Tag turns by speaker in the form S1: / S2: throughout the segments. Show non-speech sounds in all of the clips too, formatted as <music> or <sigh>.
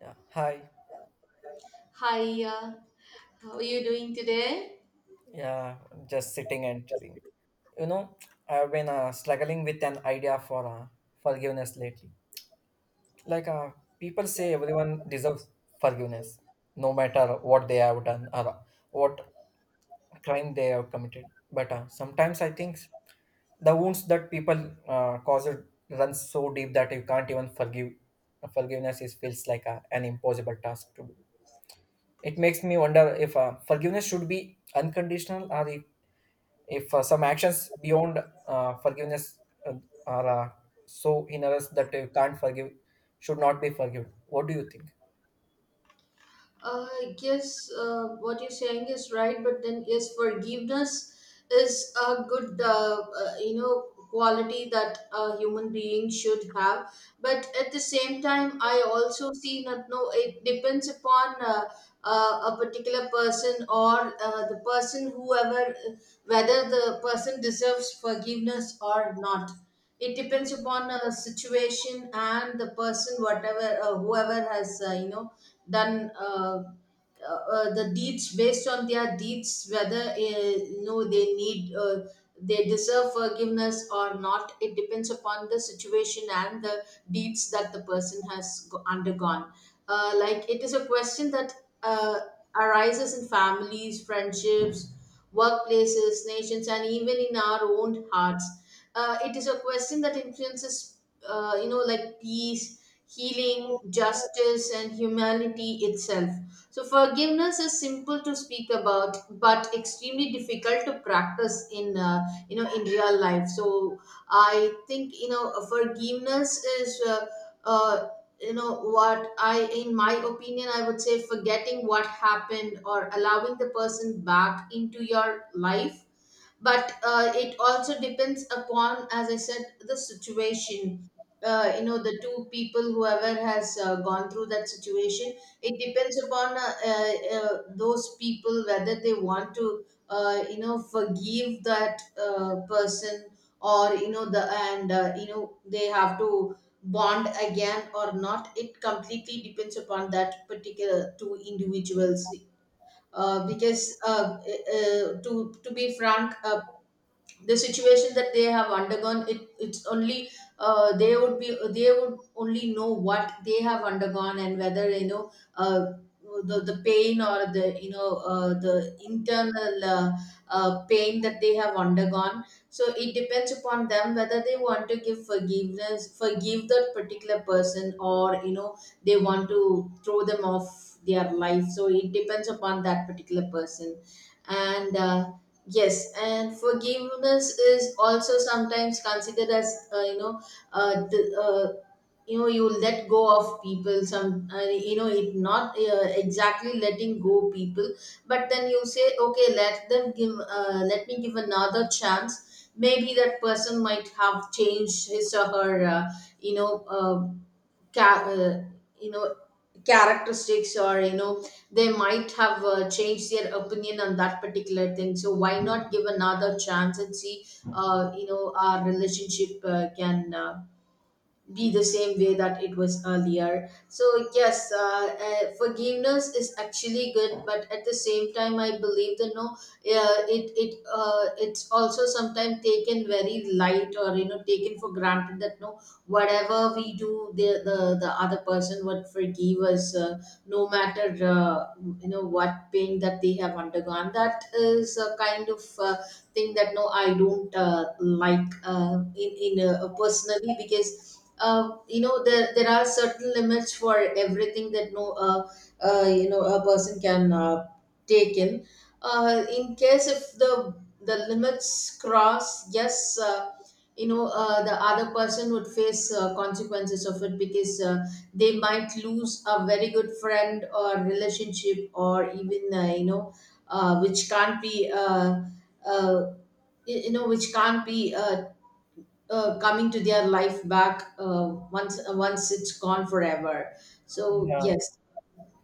S1: Yeah, hi.
S2: Hi, how are you doing today?
S1: Yeah, I'm just sitting and chilling. You know, I've been struggling with an idea for forgiveness lately. Like, uh, People say everyone deserves forgiveness, no matter what they have done or what crime they have committed. But sometimes I think the wounds that people cause run so deep that you can't even forgive. Forgiveness is feels like an impossible task to do. It makes me wonder if forgiveness should be unconditional or if some actions beyond forgiveness uh, are so in us that you can't forgive, should not be forgiven. What do you think?
S2: Uh, yes, what you're saying is right, but then yes, forgiveness is a good, quality that a human being should have. But at the same time, I also see that no, it depends upon a particular person, or the person, whoever, whether the person deserves forgiveness or not. It depends upon a situation and the person, whatever, whoever has, done the deeds, based on their deeds, whether they need, they deserve forgiveness or not. It depends upon the situation and the deeds that the person has undergone. Like, it is a question that uh, arises in families, friendships, workplaces, nations, and even in our own hearts. It is a question that influences, like peace, healing, justice, and humanity itself. So, forgiveness is simple to speak about, but extremely difficult to practice in, in real life. So, I think, you know, forgiveness is. Uh, you know what, I in my opinion, I would say forgetting what happened or allowing the person back into your life, but it also depends upon, as I said, the situation, you know, the two people whoever has gone through that situation. It depends upon those people, whether they want to, forgive that person, or, you know, the and you know, they have to bond again or not. It completely depends upon that particular two individuals. Because, to be frank, the situation that they have undergone, it's only, they would be, they would only know what they have undergone, and whether, you know, the pain, or the, you know, the internal, pain that they have undergone. So it depends upon them whether they want to give forgiveness, forgive that particular person, or, you know, they want to throw them off their life. So it depends upon that particular person. And Yes, and forgiveness is also sometimes considered as, the, you know, you let go of people. Some, you know, it not exactly letting go people, but then you say, okay, let me give another chance. Maybe that person might have changed his or her, you know, uh, ca- uh, you know, characteristics, or, you know, they might have changed their opinion on that particular thing. So why not give another chance and see, our relationship can be the same way that it was earlier. So, yes, forgiveness is actually good, but at the same time, I believe that no, it's also sometimes taken very light, or, you know, taken for granted, that no, whatever we do, the other person would forgive us, no matter, you know, what pain that they have undergone. That is a kind of thing that no, I don't like, in, personally, because, you know, there are certain limits for everything, that no, you know, a person can take in, in case if the limits cross. Yes, you know, the other person would face consequences of it, because, they might lose a very good friend or relationship, or even, you know, which can't be, uh, you know, which can't be, coming to their life back, once, once it's gone forever. So,
S1: Yeah,
S2: yes.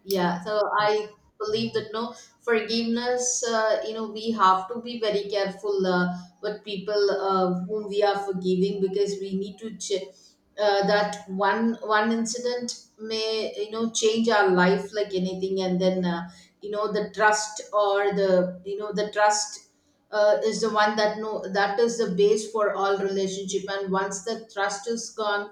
S2: Yeah, so I believe that no, forgiveness, you know, we have to be very careful with people whom we are forgiving, because we need to that one incident may, you know, change our life like anything, and then, you know, the trust, or the, you know, the trust, is the one that no, that is the base for all relationship. And once the trust is gone,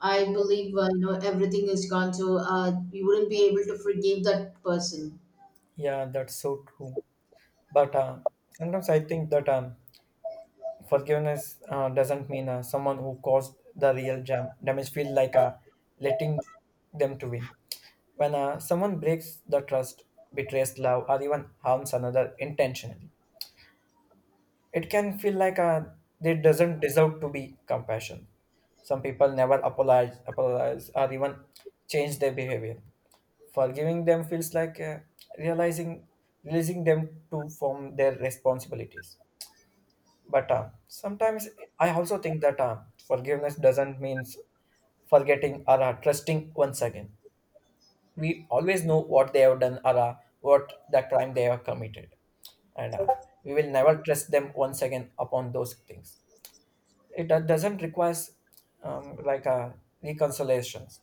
S2: I believe, you know, everything is gone. So you wouldn't be able to forgive that person.
S1: yeah, that's so true. But sometimes I think that forgiveness doesn't mean someone who caused the real jam damage feel like letting them to win. When someone breaks the trust, betrays love, or even harms another intentionally, it can feel like they doesn't deserve to be compassion. Some people never apologize or even change their behavior. Forgiving them feels like realizing releasing them to from their responsibilities. But sometimes I also think that forgiveness doesn't means forgetting or trusting once again. We always know what they have done or what the crime they have committed, and we will never trust them once again upon those things it doesn't require like a reconciliations.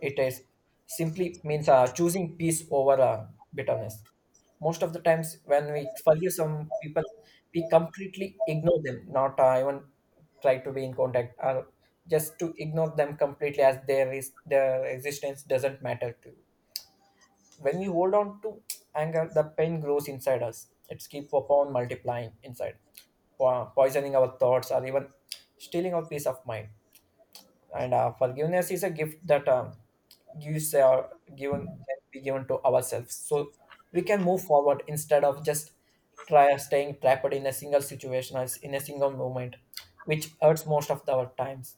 S1: It is simply means choosing peace over bitterness. Most of the times, when we forgive some people, we completely ignore them, not even try to be in contact, or just to ignore them completely as their is their existence doesn't matter to when we hold on to anger, the pain grows inside us. It's keep upon multiplying inside, poisoning our thoughts or even stealing our peace of mind. And forgiveness is a gift that gives given can be given to ourselves, so we can move forward instead of just try staying trapped in a single situation or in a single moment, which hurts most of our times.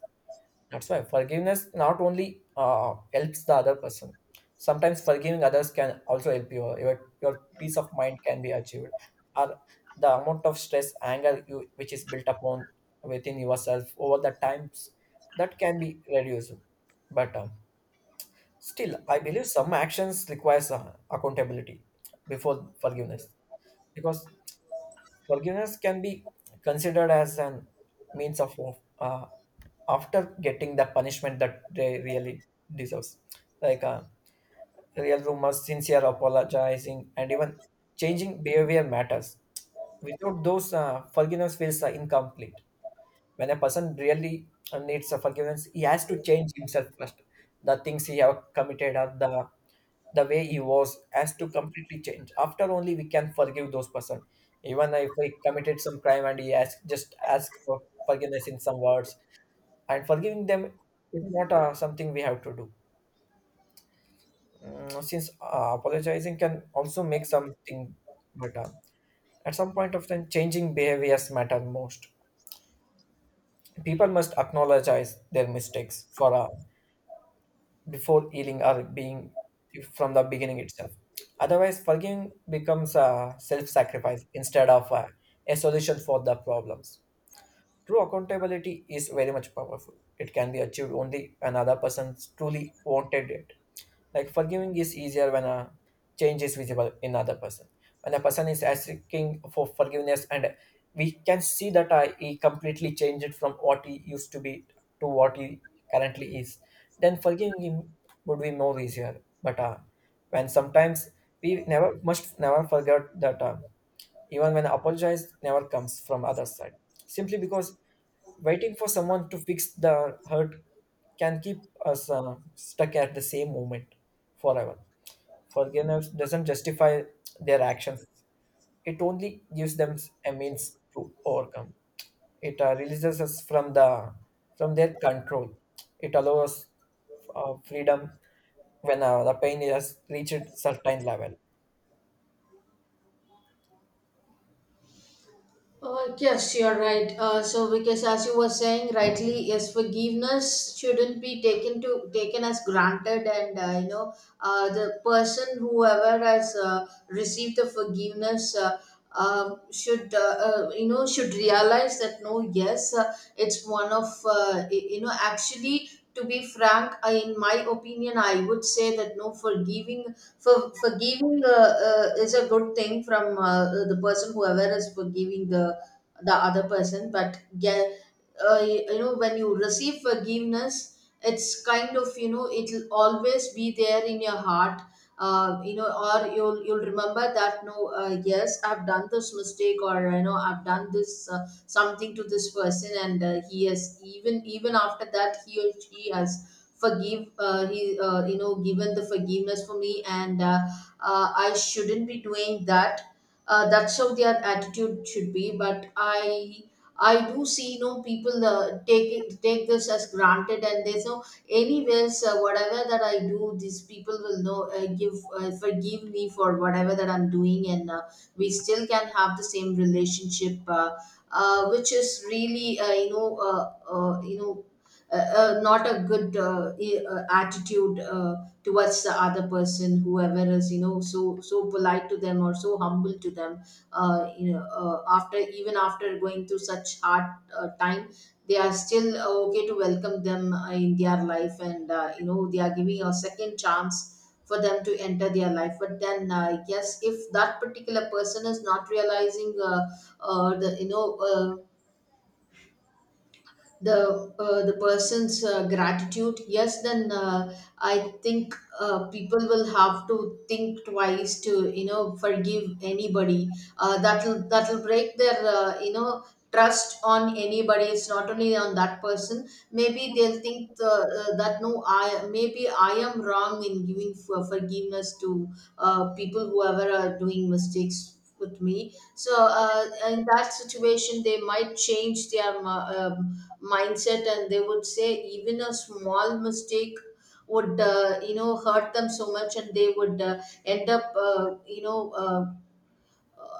S1: That's why forgiveness not only helps the other person. Sometimes forgiving others can also help you. Your peace of mind can be achieved, or the amount of stress, anger you which is built upon within yourself over the times that can be reduced. But still, I believe some actions requires accountability before forgiveness because forgiveness can be considered as an means of uh, after getting the punishment that they really deserves, like real rumors, sincere apologizing, and even changing behavior matters. Without those, forgiveness feels incomplete when a person really needs a forgiveness he has to change himself first the things he have committed or the way he was has to completely change after only we can forgive those person even if he committed some crime and he ask just asks for forgiveness in some words and forgiving them is not something we have to do. Mm, since apologizing can also make something but at some point of time changing behaviors matter most people must acknowledge their mistakes for before healing or being from the beginning itself. Otherwise, forgiving becomes a self sacrifice instead of a solution for the problems. True accountability is very much powerful. It can be achieved only when another person truly wanted it. Like forgiving is easier when a change is visible in other person. When a person is asking for forgiveness, and we can see that he completely changed from what he used to be to what he currently is, then forgiving him would be more easier. But when sometimes we never must never forget that. Even when apologize never comes from other side simply because waiting for someone to fix the hurt can keep us stuck at the same moment forever forgiveness doesn't justify their actions it only gives them a means to overcome it releases us from the from their control it allows freedom when the pain has reached certain level.
S2: Yes, you're right. So, because, as you were saying rightly, yes, forgiveness shouldn't be taken to taken as granted, and, you know, the person whoever has received the forgiveness. Should, you know, should realize that no, yes, it's one of, you know, actually, to be frank, I, in my opinion, I would say that no, for forgiving, is a good thing from, the person whoever is forgiving the other person. But get You know, when you receive forgiveness, it's kind of, you know, it'll always be there in your heart, you know, or you'll remember that no, yes, I've done this mistake, or, you know, I've done this, something to this person, and, he has, even after that, he or she has forgive he you know, given the forgiveness for me, and, I shouldn't be doing that. That's how their attitude should be. But I do see, you know, people take this as granted, and they know, anyways, whatever that I do, these people will know, give forgive me for whatever that I'm doing. And, we still can have the same relationship, which is really, you know not a good, attitude towards the other person, whoever is, you know, so polite to them, or so humble to them. You know, after, even after going through such hard time, they are still okay to welcome them in their life, and, you know, they are giving a second chance for them to enter their life. But then, yes, if that particular person is not realizing, the you know, the person's gratitude, yes, then, I think people will have to think twice to, you know, forgive anybody. That'll break their, you know, trust on anybody. It's not only on that person. Maybe they'll think, that no, I maybe I am wrong in giving forgiveness to, people whoever are doing mistakes with me. So, in that situation, they might change their, mindset, and they would say even a small mistake would, you know, hurt them so much, and they would, end up, you know, uh,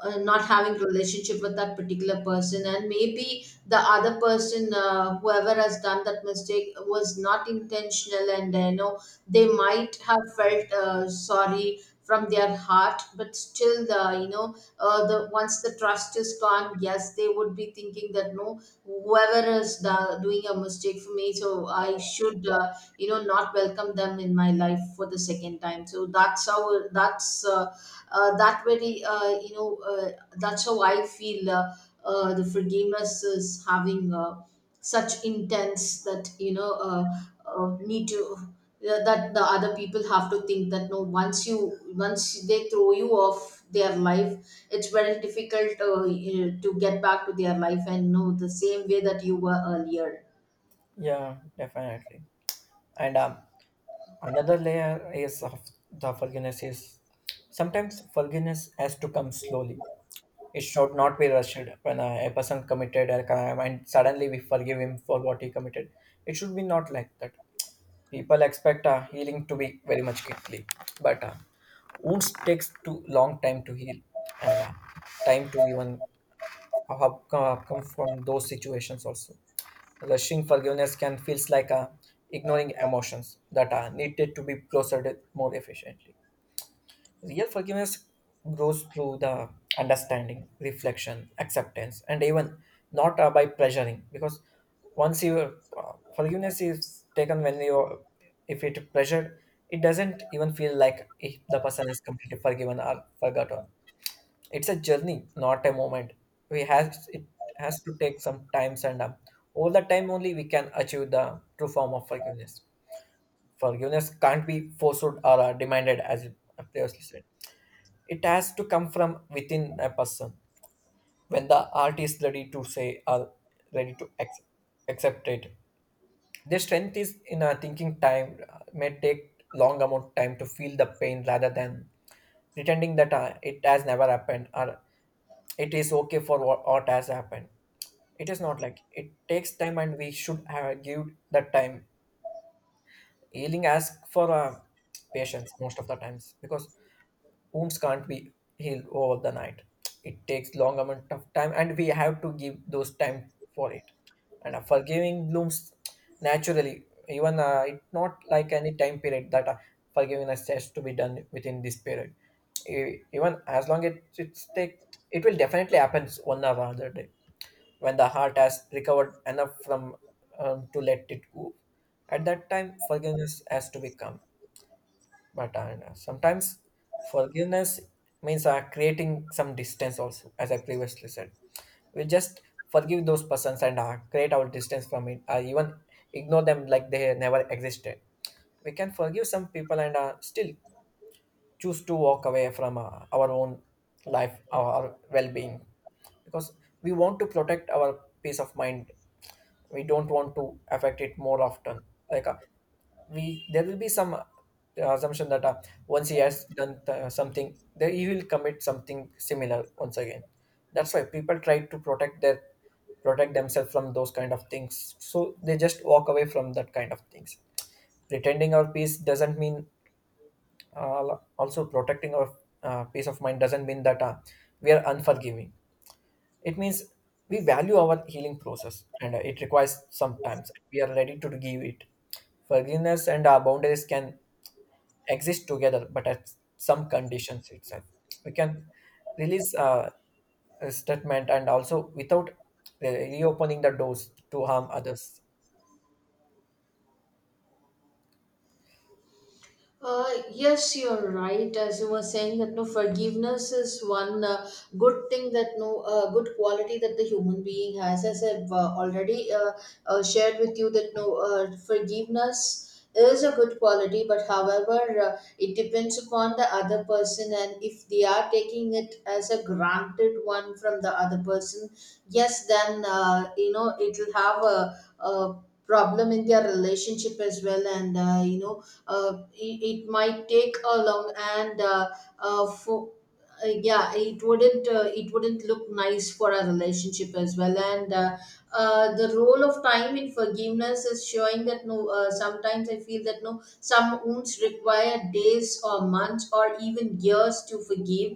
S2: uh, not having relationship with that particular person. And maybe the other person, whoever has done that mistake, was not intentional, and, you know, they might have felt sorry from their heart. But still, the, you know, the once the trust is gone, yes, they would be thinking that no, whoever is doing a mistake for me, so I should, you know, not welcome them in my life for the second time. So that's how, that's uh, that very, you know, that's how I feel, the forgiveness is having such intense that, you know, need to, that the other people have to think that no, once they throw you off their life, it's very difficult, you know, to get back to their life and know the same way that you were earlier.
S1: Yeah, definitely. And another layer is of the forgiveness is sometimes forgiveness has to come slowly. It should not be rushed when a person committed a crime and suddenly we forgive him for what he committed. It should be not like that. People expect healing to be very much quickly, but wounds takes too long time to heal and time to even outcome from those situations also. Rushing forgiveness can feels like a ignoring emotions that are needed to be processed more efficiently. Real forgiveness grows through the understanding, reflection, acceptance, and even not by pressuring. Because once you forgiveness is taken when you if it pressured, it doesn't even feel like if the person is completely forgiven or forgotten. It's a journey, not a moment. We has it has to take some time and all the time only we can achieve the true form of forgiveness. Forgiveness can't be forced or demanded, as you previously said. It has to come from within a person. When the heart is ready to say or ready to accept, accept it, their strength is in a thinking time may take long amount time to feel the pain rather than pretending that it has never happened or it is okay for what has happened. It is not like it takes time, and we should have give that time. Healing asks for patience most of the times because wounds can't be healed over the night. It takes long amount of time, and we have to give those time for it. And forgiving blooms naturally. Even it not like any time period that forgiveness has to be done within this period. Even as long as it's take, it will definitely happens one or other day when the heart has recovered enough from to let it go. At that time, forgiveness has to become. But sometimes forgiveness means creating some distance also, as I previously said. We just forgive those persons and create our distance from it, even ignore them like they never existed. We can forgive some people and still choose to walk away from our own life, our well being, because we want to protect our peace of mind we don't want to affect it more often like we there will be some assumption that once he has done something then he will commit something similar once again that's why people try to protect their protect themselves from those kind of things so they just walk away from that kind of things pretending our peace doesn't mean also protecting our peace of mind doesn't mean that we are unforgiving it means we value our healing process and it requires sometimes we are ready to give it. Forgiveness and our boundaries can exist together, but at some conditions itself. We can release a statement and also without reopening the doors to harm others.
S2: Yes, you're right. As you were saying that no, forgiveness is one, good thing, that no, good quality that the human being has. As I've already shared with you that no forgiveness is a good quality, but however, it depends upon the other person, and if they are taking it as a granted one from the other person, yes, then it will have a problem in their relationship as well, and it might take a long and for yeah, it wouldn't look nice for our relationship as well. And the role of time in forgiveness is showing that no, sometimes I feel that no, some wounds require days or months or even years to forgive,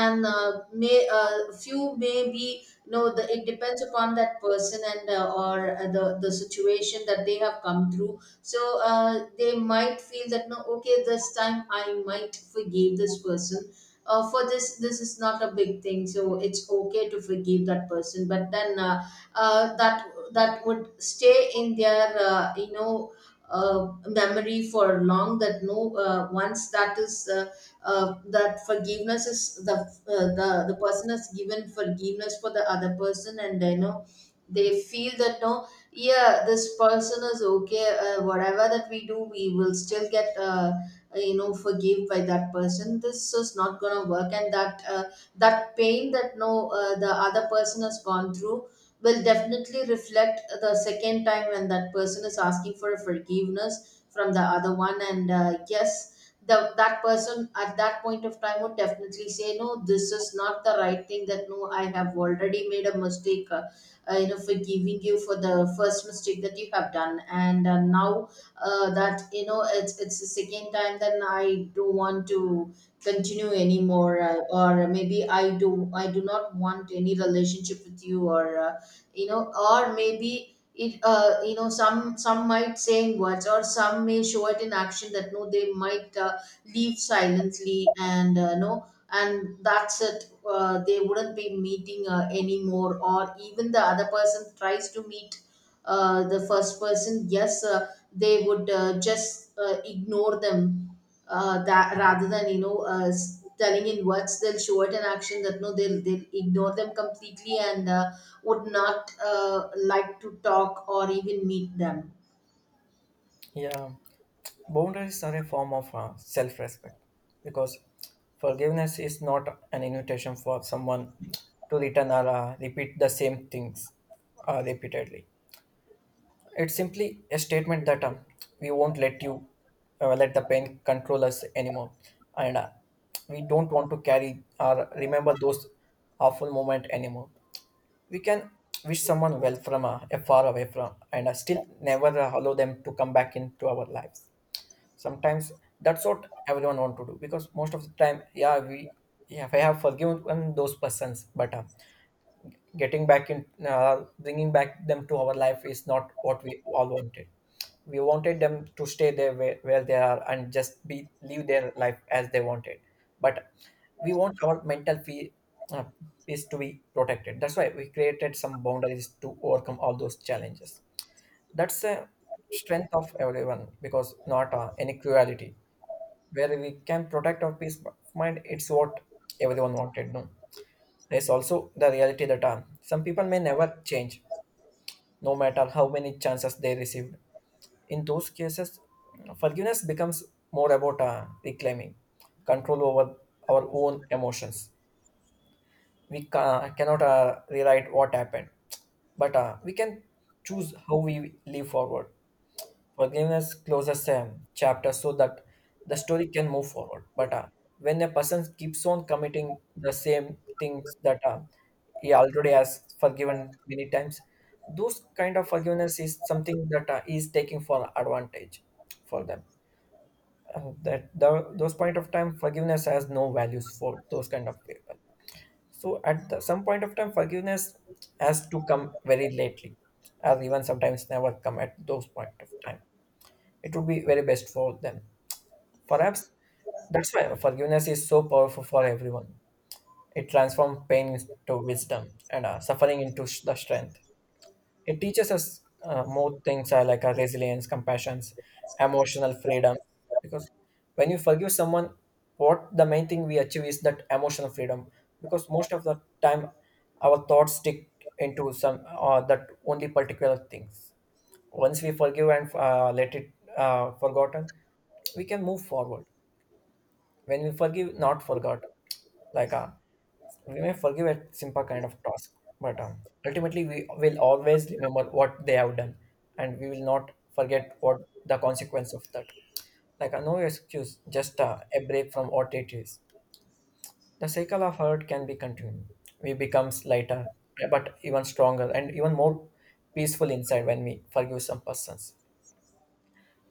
S2: and may few may be no the it depends upon that person, and or the situation that they have come through. So they might feel that no, okay, this time I might forgive this person for this is not a big thing, so it's okay to forgive that person. But then that would stay in their memory for long, that no, once that is that forgiveness is the person has given forgiveness for the other person, and you know they feel that no, yeah, this person is okay, whatever that we do we will still get forgive by that person. This is not gonna work, and that pain that no the other person has gone through will definitely reflect the second time when that person is asking for a forgiveness from the other one. And yes, that person at that point of time would definitely say no, this is not the right thing, that no, I have already made a mistake, forgiving you for the first mistake that you have done. And now that you know it's the second time, then I don't want to continue anymore. Or maybe I do not want any relationship with you. Or or maybe it some might saying words, or some may show it in action, that no they might leave silently. And no, and that's it. They wouldn't be meeting anymore, or even the other person tries to meet the first person. Yes, they would just ignore them, that rather than you know telling in words, they'll show it in action, that no they'll ignore them completely, and would not like to talk or even meet them.
S1: Yeah, boundaries are a form of self respect because forgiveness is not an invitation for someone to return or repeat the same things repeatedly. It's simply a statement that we won't let you let the pain control us anymore, and we don't want to carry or remember those awful moment anymore. We can wish someone well from a far away from, and still never allow them to come back into our lives. Sometimes that's what everyone want to do because most of the time, yeah, we yeah, I have forgiven those persons, but. Getting back in bringing back them to our life is not what we all wanted we wanted them to stay there where they are and just be live their life as they wanted but we want our mental uh, peace to be protected that's why we created some boundaries to overcome all those challenges that's a strength of everyone because not any cruelty where we can protect our peace of mind it's what everyone wanted no there's also the reality that some people may never change, no matter how many chances they received. In those cases, forgiveness becomes more about reclaiming control over our own emotions. We cannot rewrite what happened, but we can choose how we live forward. Forgiveness closes a chapter so that the story can move forward. But when a person keeps on committing the same things that he already has forgiven many times, those kind of forgiveness is something that he is taking for advantage for them. That the, those point of time forgiveness has no values for those kind of people. So at the, some point of time, forgiveness has to come very lately, or even sometimes never come at those point of time it would be very best for them. Perhaps that's why forgiveness is so powerful for everyone. It transforms pain into wisdom and suffering into the strength. It teaches us more things like resilience, compassion, emotional freedom. Because when you forgive someone, what the main thing we achieve is that emotional freedom. Because most of the time, our thoughts stick into some that only particular things once we forgive and let it forgotten we can move forward when we forgive not forgotten like uh, we may forgive a simple kind of task but ultimately we will always remember what they have done and we will not forget what the consequence of that like no excuse just a break from what it is the cycle of hurt can be continued we becomes lighter but even stronger and even more peaceful inside when we forgive some persons.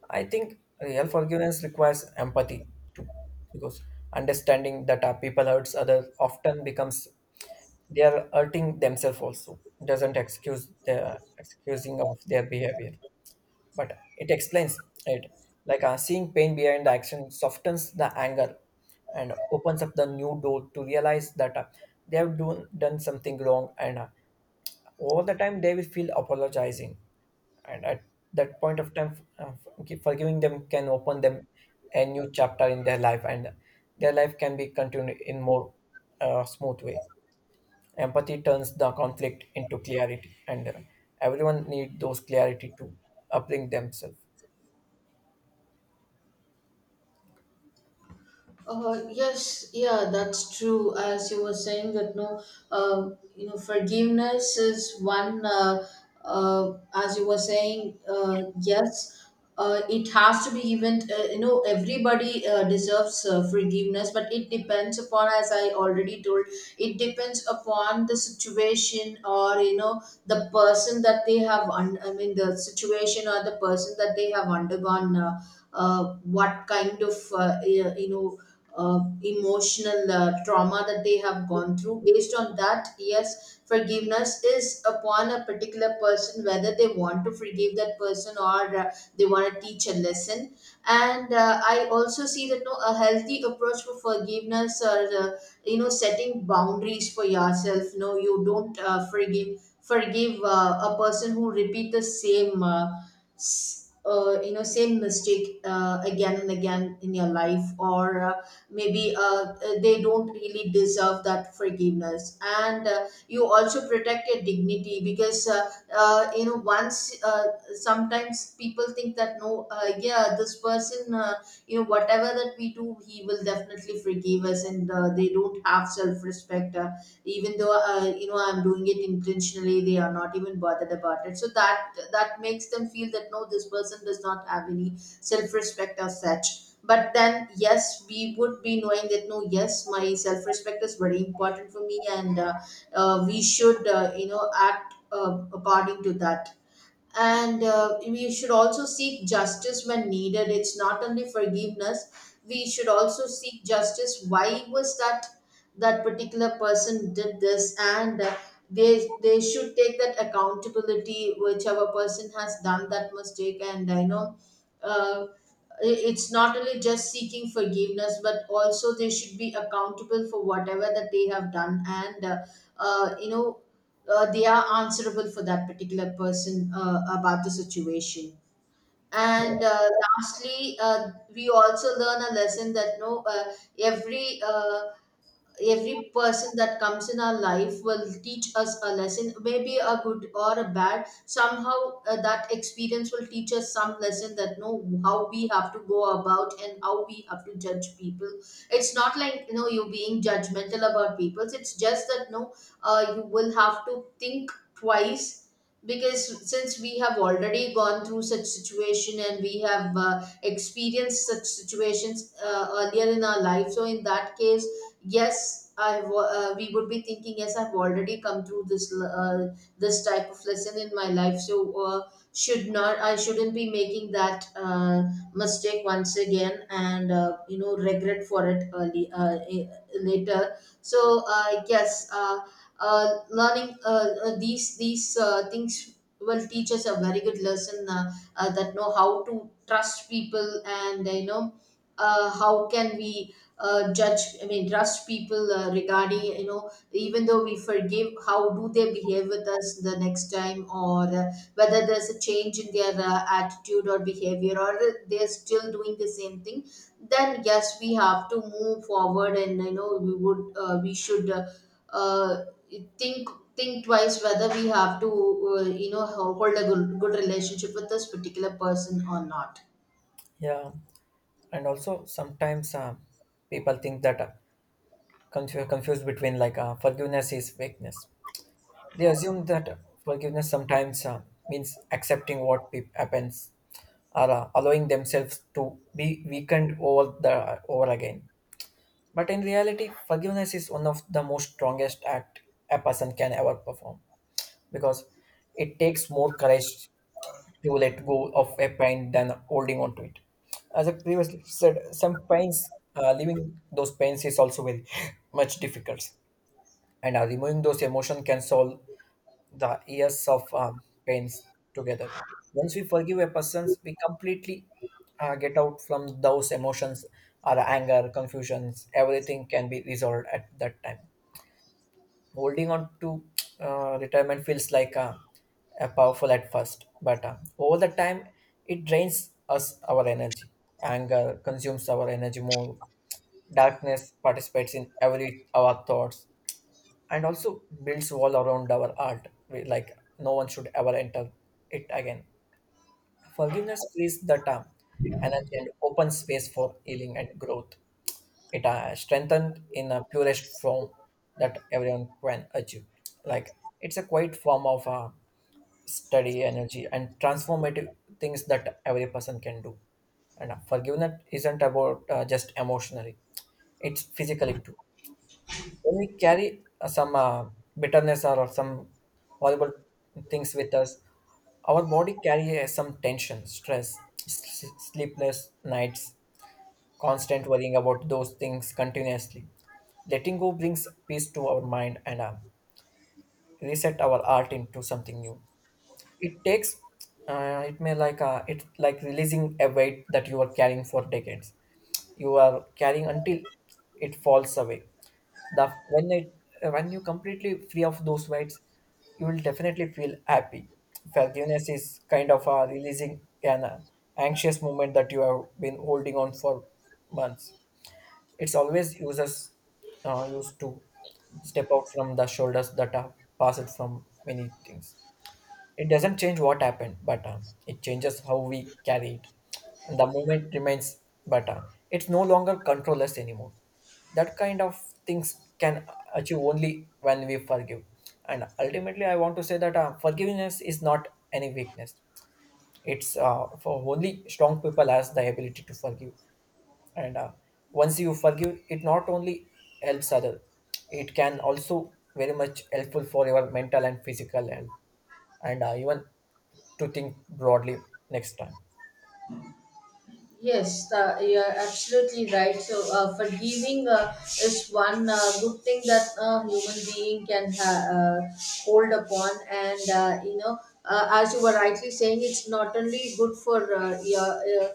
S1: I think real forgiveness requires empathy too, because understanding that our people hurts other often becomes they are hurting themselves also. It doesn't excuse the excusing of their behavior, but it explains it. Like seeing pain behind the action softens the anger and opens up the new door to realize that they have done something wrong, and over the time they will feel apologizing and at that point of time forgiving them can open them a new chapter in their life and their life can be continued in more smooth way. Empathy turns the conflict into clarity and everyone need those clarity to uplink themselves.
S2: Yes, yeah, that's true. As you were saying that no, forgiveness is one. As you were saying, yes, it has to be even. You know, everybody deserves forgiveness, but it depends upon, as I already told, it depends upon the situation, or you know, the person that they have. I mean, the situation or the person that they have undergone. What kind of emotional trauma that they have gone through. Based on that, yes, forgiveness is upon a particular person, whether they want to forgive that person, or they want to teach a lesson. And I also see that no, a healthy approach for forgiveness, or setting boundaries for yourself. No, you don't forgive a person who repeat the same. S- Same mistake again and again in your life, or maybe they don't really deserve that forgiveness. And you also protect your dignity, because once sometimes people think that no, yeah, this person whatever that we do, he will definitely forgive us, and they don't have self-respect. Even though I'm doing it intentionally, they are not even bothered about it, so that makes them feel that no, this person does not have any self-respect as such. But then yes, we would be knowing that no, yes, my self-respect is very important for me, and we should act according to that. And we should also seek justice when needed. It's not only forgiveness, we should also seek justice. Why was that, that particular person did this? And they should take that accountability, whichever person has done that mistake. And I know, uh, it's not only just seeking forgiveness, but also they should be accountable for whatever that they have done. And uh, you know they are answerable for that particular person about the situation.
S1: Yeah.
S2: And lastly, we also learn a lesson that no, every uh, every person that comes in our life will teach us a lesson, maybe a good or a bad. Somehow that experience will teach us some lesson, that know how we have to go about and how we have to judge people. It's not like, you know, you being judgmental about people. It's just that no, you will have to think twice, because since we have already gone through such situation, and we have experienced such situations earlier in our life, so in that case yes, I've we would be thinking, yes, I've already come through this this type of lesson in my life. So should not, I shouldn't be making that mistake once again, and regret for it early, later. So yes, learning these things will teach us a very good lesson, that know how to trust people. And you know, how can we judge, I mean trust people, regarding, you know, even though we forgive, how do they behave with us the next time, or whether there's a change in their attitude or behavior, or they're still doing the same thing. Then yes, we have to move forward, and you know, we would we should uh, think think twice whether we have to uh, you know hold a good relationship with this particular person or not.
S1: Yeah, and also sometimes people think that confused between like forgiveness is weakness. They assume that forgiveness sometimes means accepting what happens or allowing themselves to be weakened over the over again. But in reality, forgiveness is one of the most strongest act a person can ever perform because it takes more courage to let go of a pain than holding on to it. As I previously said, some pains, leaving those pains is also very <laughs> much difficult, and removing those emotion can solve the years of pains together. Once we forgive a person, we completely get out from those emotions or anger, confusions. Everything can be resolved at that time. Holding on to retirement feels like a powerful at first, but over the time, it drains us our energy. Anger consumes our energy more. Darkness participates in every our thoughts and also builds wall around our art. Like no one should ever enter it again. Forgiveness frees the time, energy and open space for healing and growth. It strengthened in a purest form that everyone can achieve, like it's a quiet form of study energy and transformative things that every person can do. And forgiveness isn't about just emotionally, it's physically too. When we carry some bitterness or some horrible things with us, our body carries some tension, stress, sleepless nights, constant worrying about those things continuously. Letting go brings peace to our mind and reset our art into something new. It takes it may like it like releasing a weight that you are carrying for decades, you are carrying until it falls away. The when it when you completely free of those weights, you will definitely feel happy. Forgiveness is kind of releasing an anxious moment that you have been holding on for months. It's always users used to step out from the shoulders that are passed from many things. It doesn't change what happened, but it changes how we carry it. And the moment remains, but it's no longer controllers anymore. That kind of things can achieve only when we forgive. And ultimately, I want to say that forgiveness is not any weakness. It's for only strong people has the ability to forgive. And once you forgive, it not only helps other, it can also very much helpful for your mental and physical health and even to think broadly next time.
S2: Yes, you're absolutely right. So, forgiving is one good thing that a human being can hold upon. And as you were rightly saying, it's not only good for your.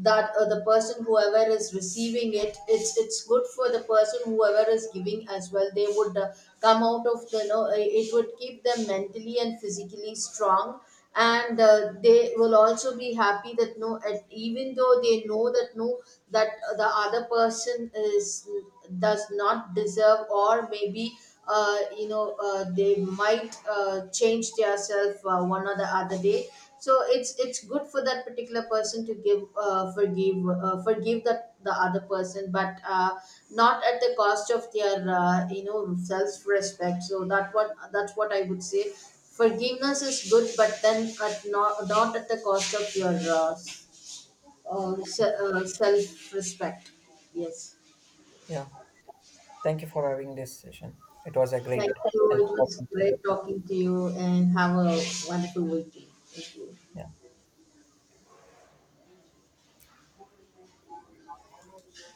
S2: That The person whoever is receiving it, it's good for the person whoever is giving as well. They would come out of the it would keep them mentally and physically strong, and they will also be happy that no, even though they know that no, that the other person is, does not deserve, or maybe they might change themselves one or the other day. So it's good for that particular person to give forgive that the other person, but not at the cost of their self respect. So that what, that's what I would say. Forgiveness is good, but then at not at the cost of your uh,
S1: Yeah.
S2: self respect. Yes.
S1: Yeah. Thank you for having this session. It was a great
S2: Thank you.
S1: help
S2: It was
S1: talking to you.
S2: great talking to you and have a wonderful weekend. Thank you.
S1: Yeah.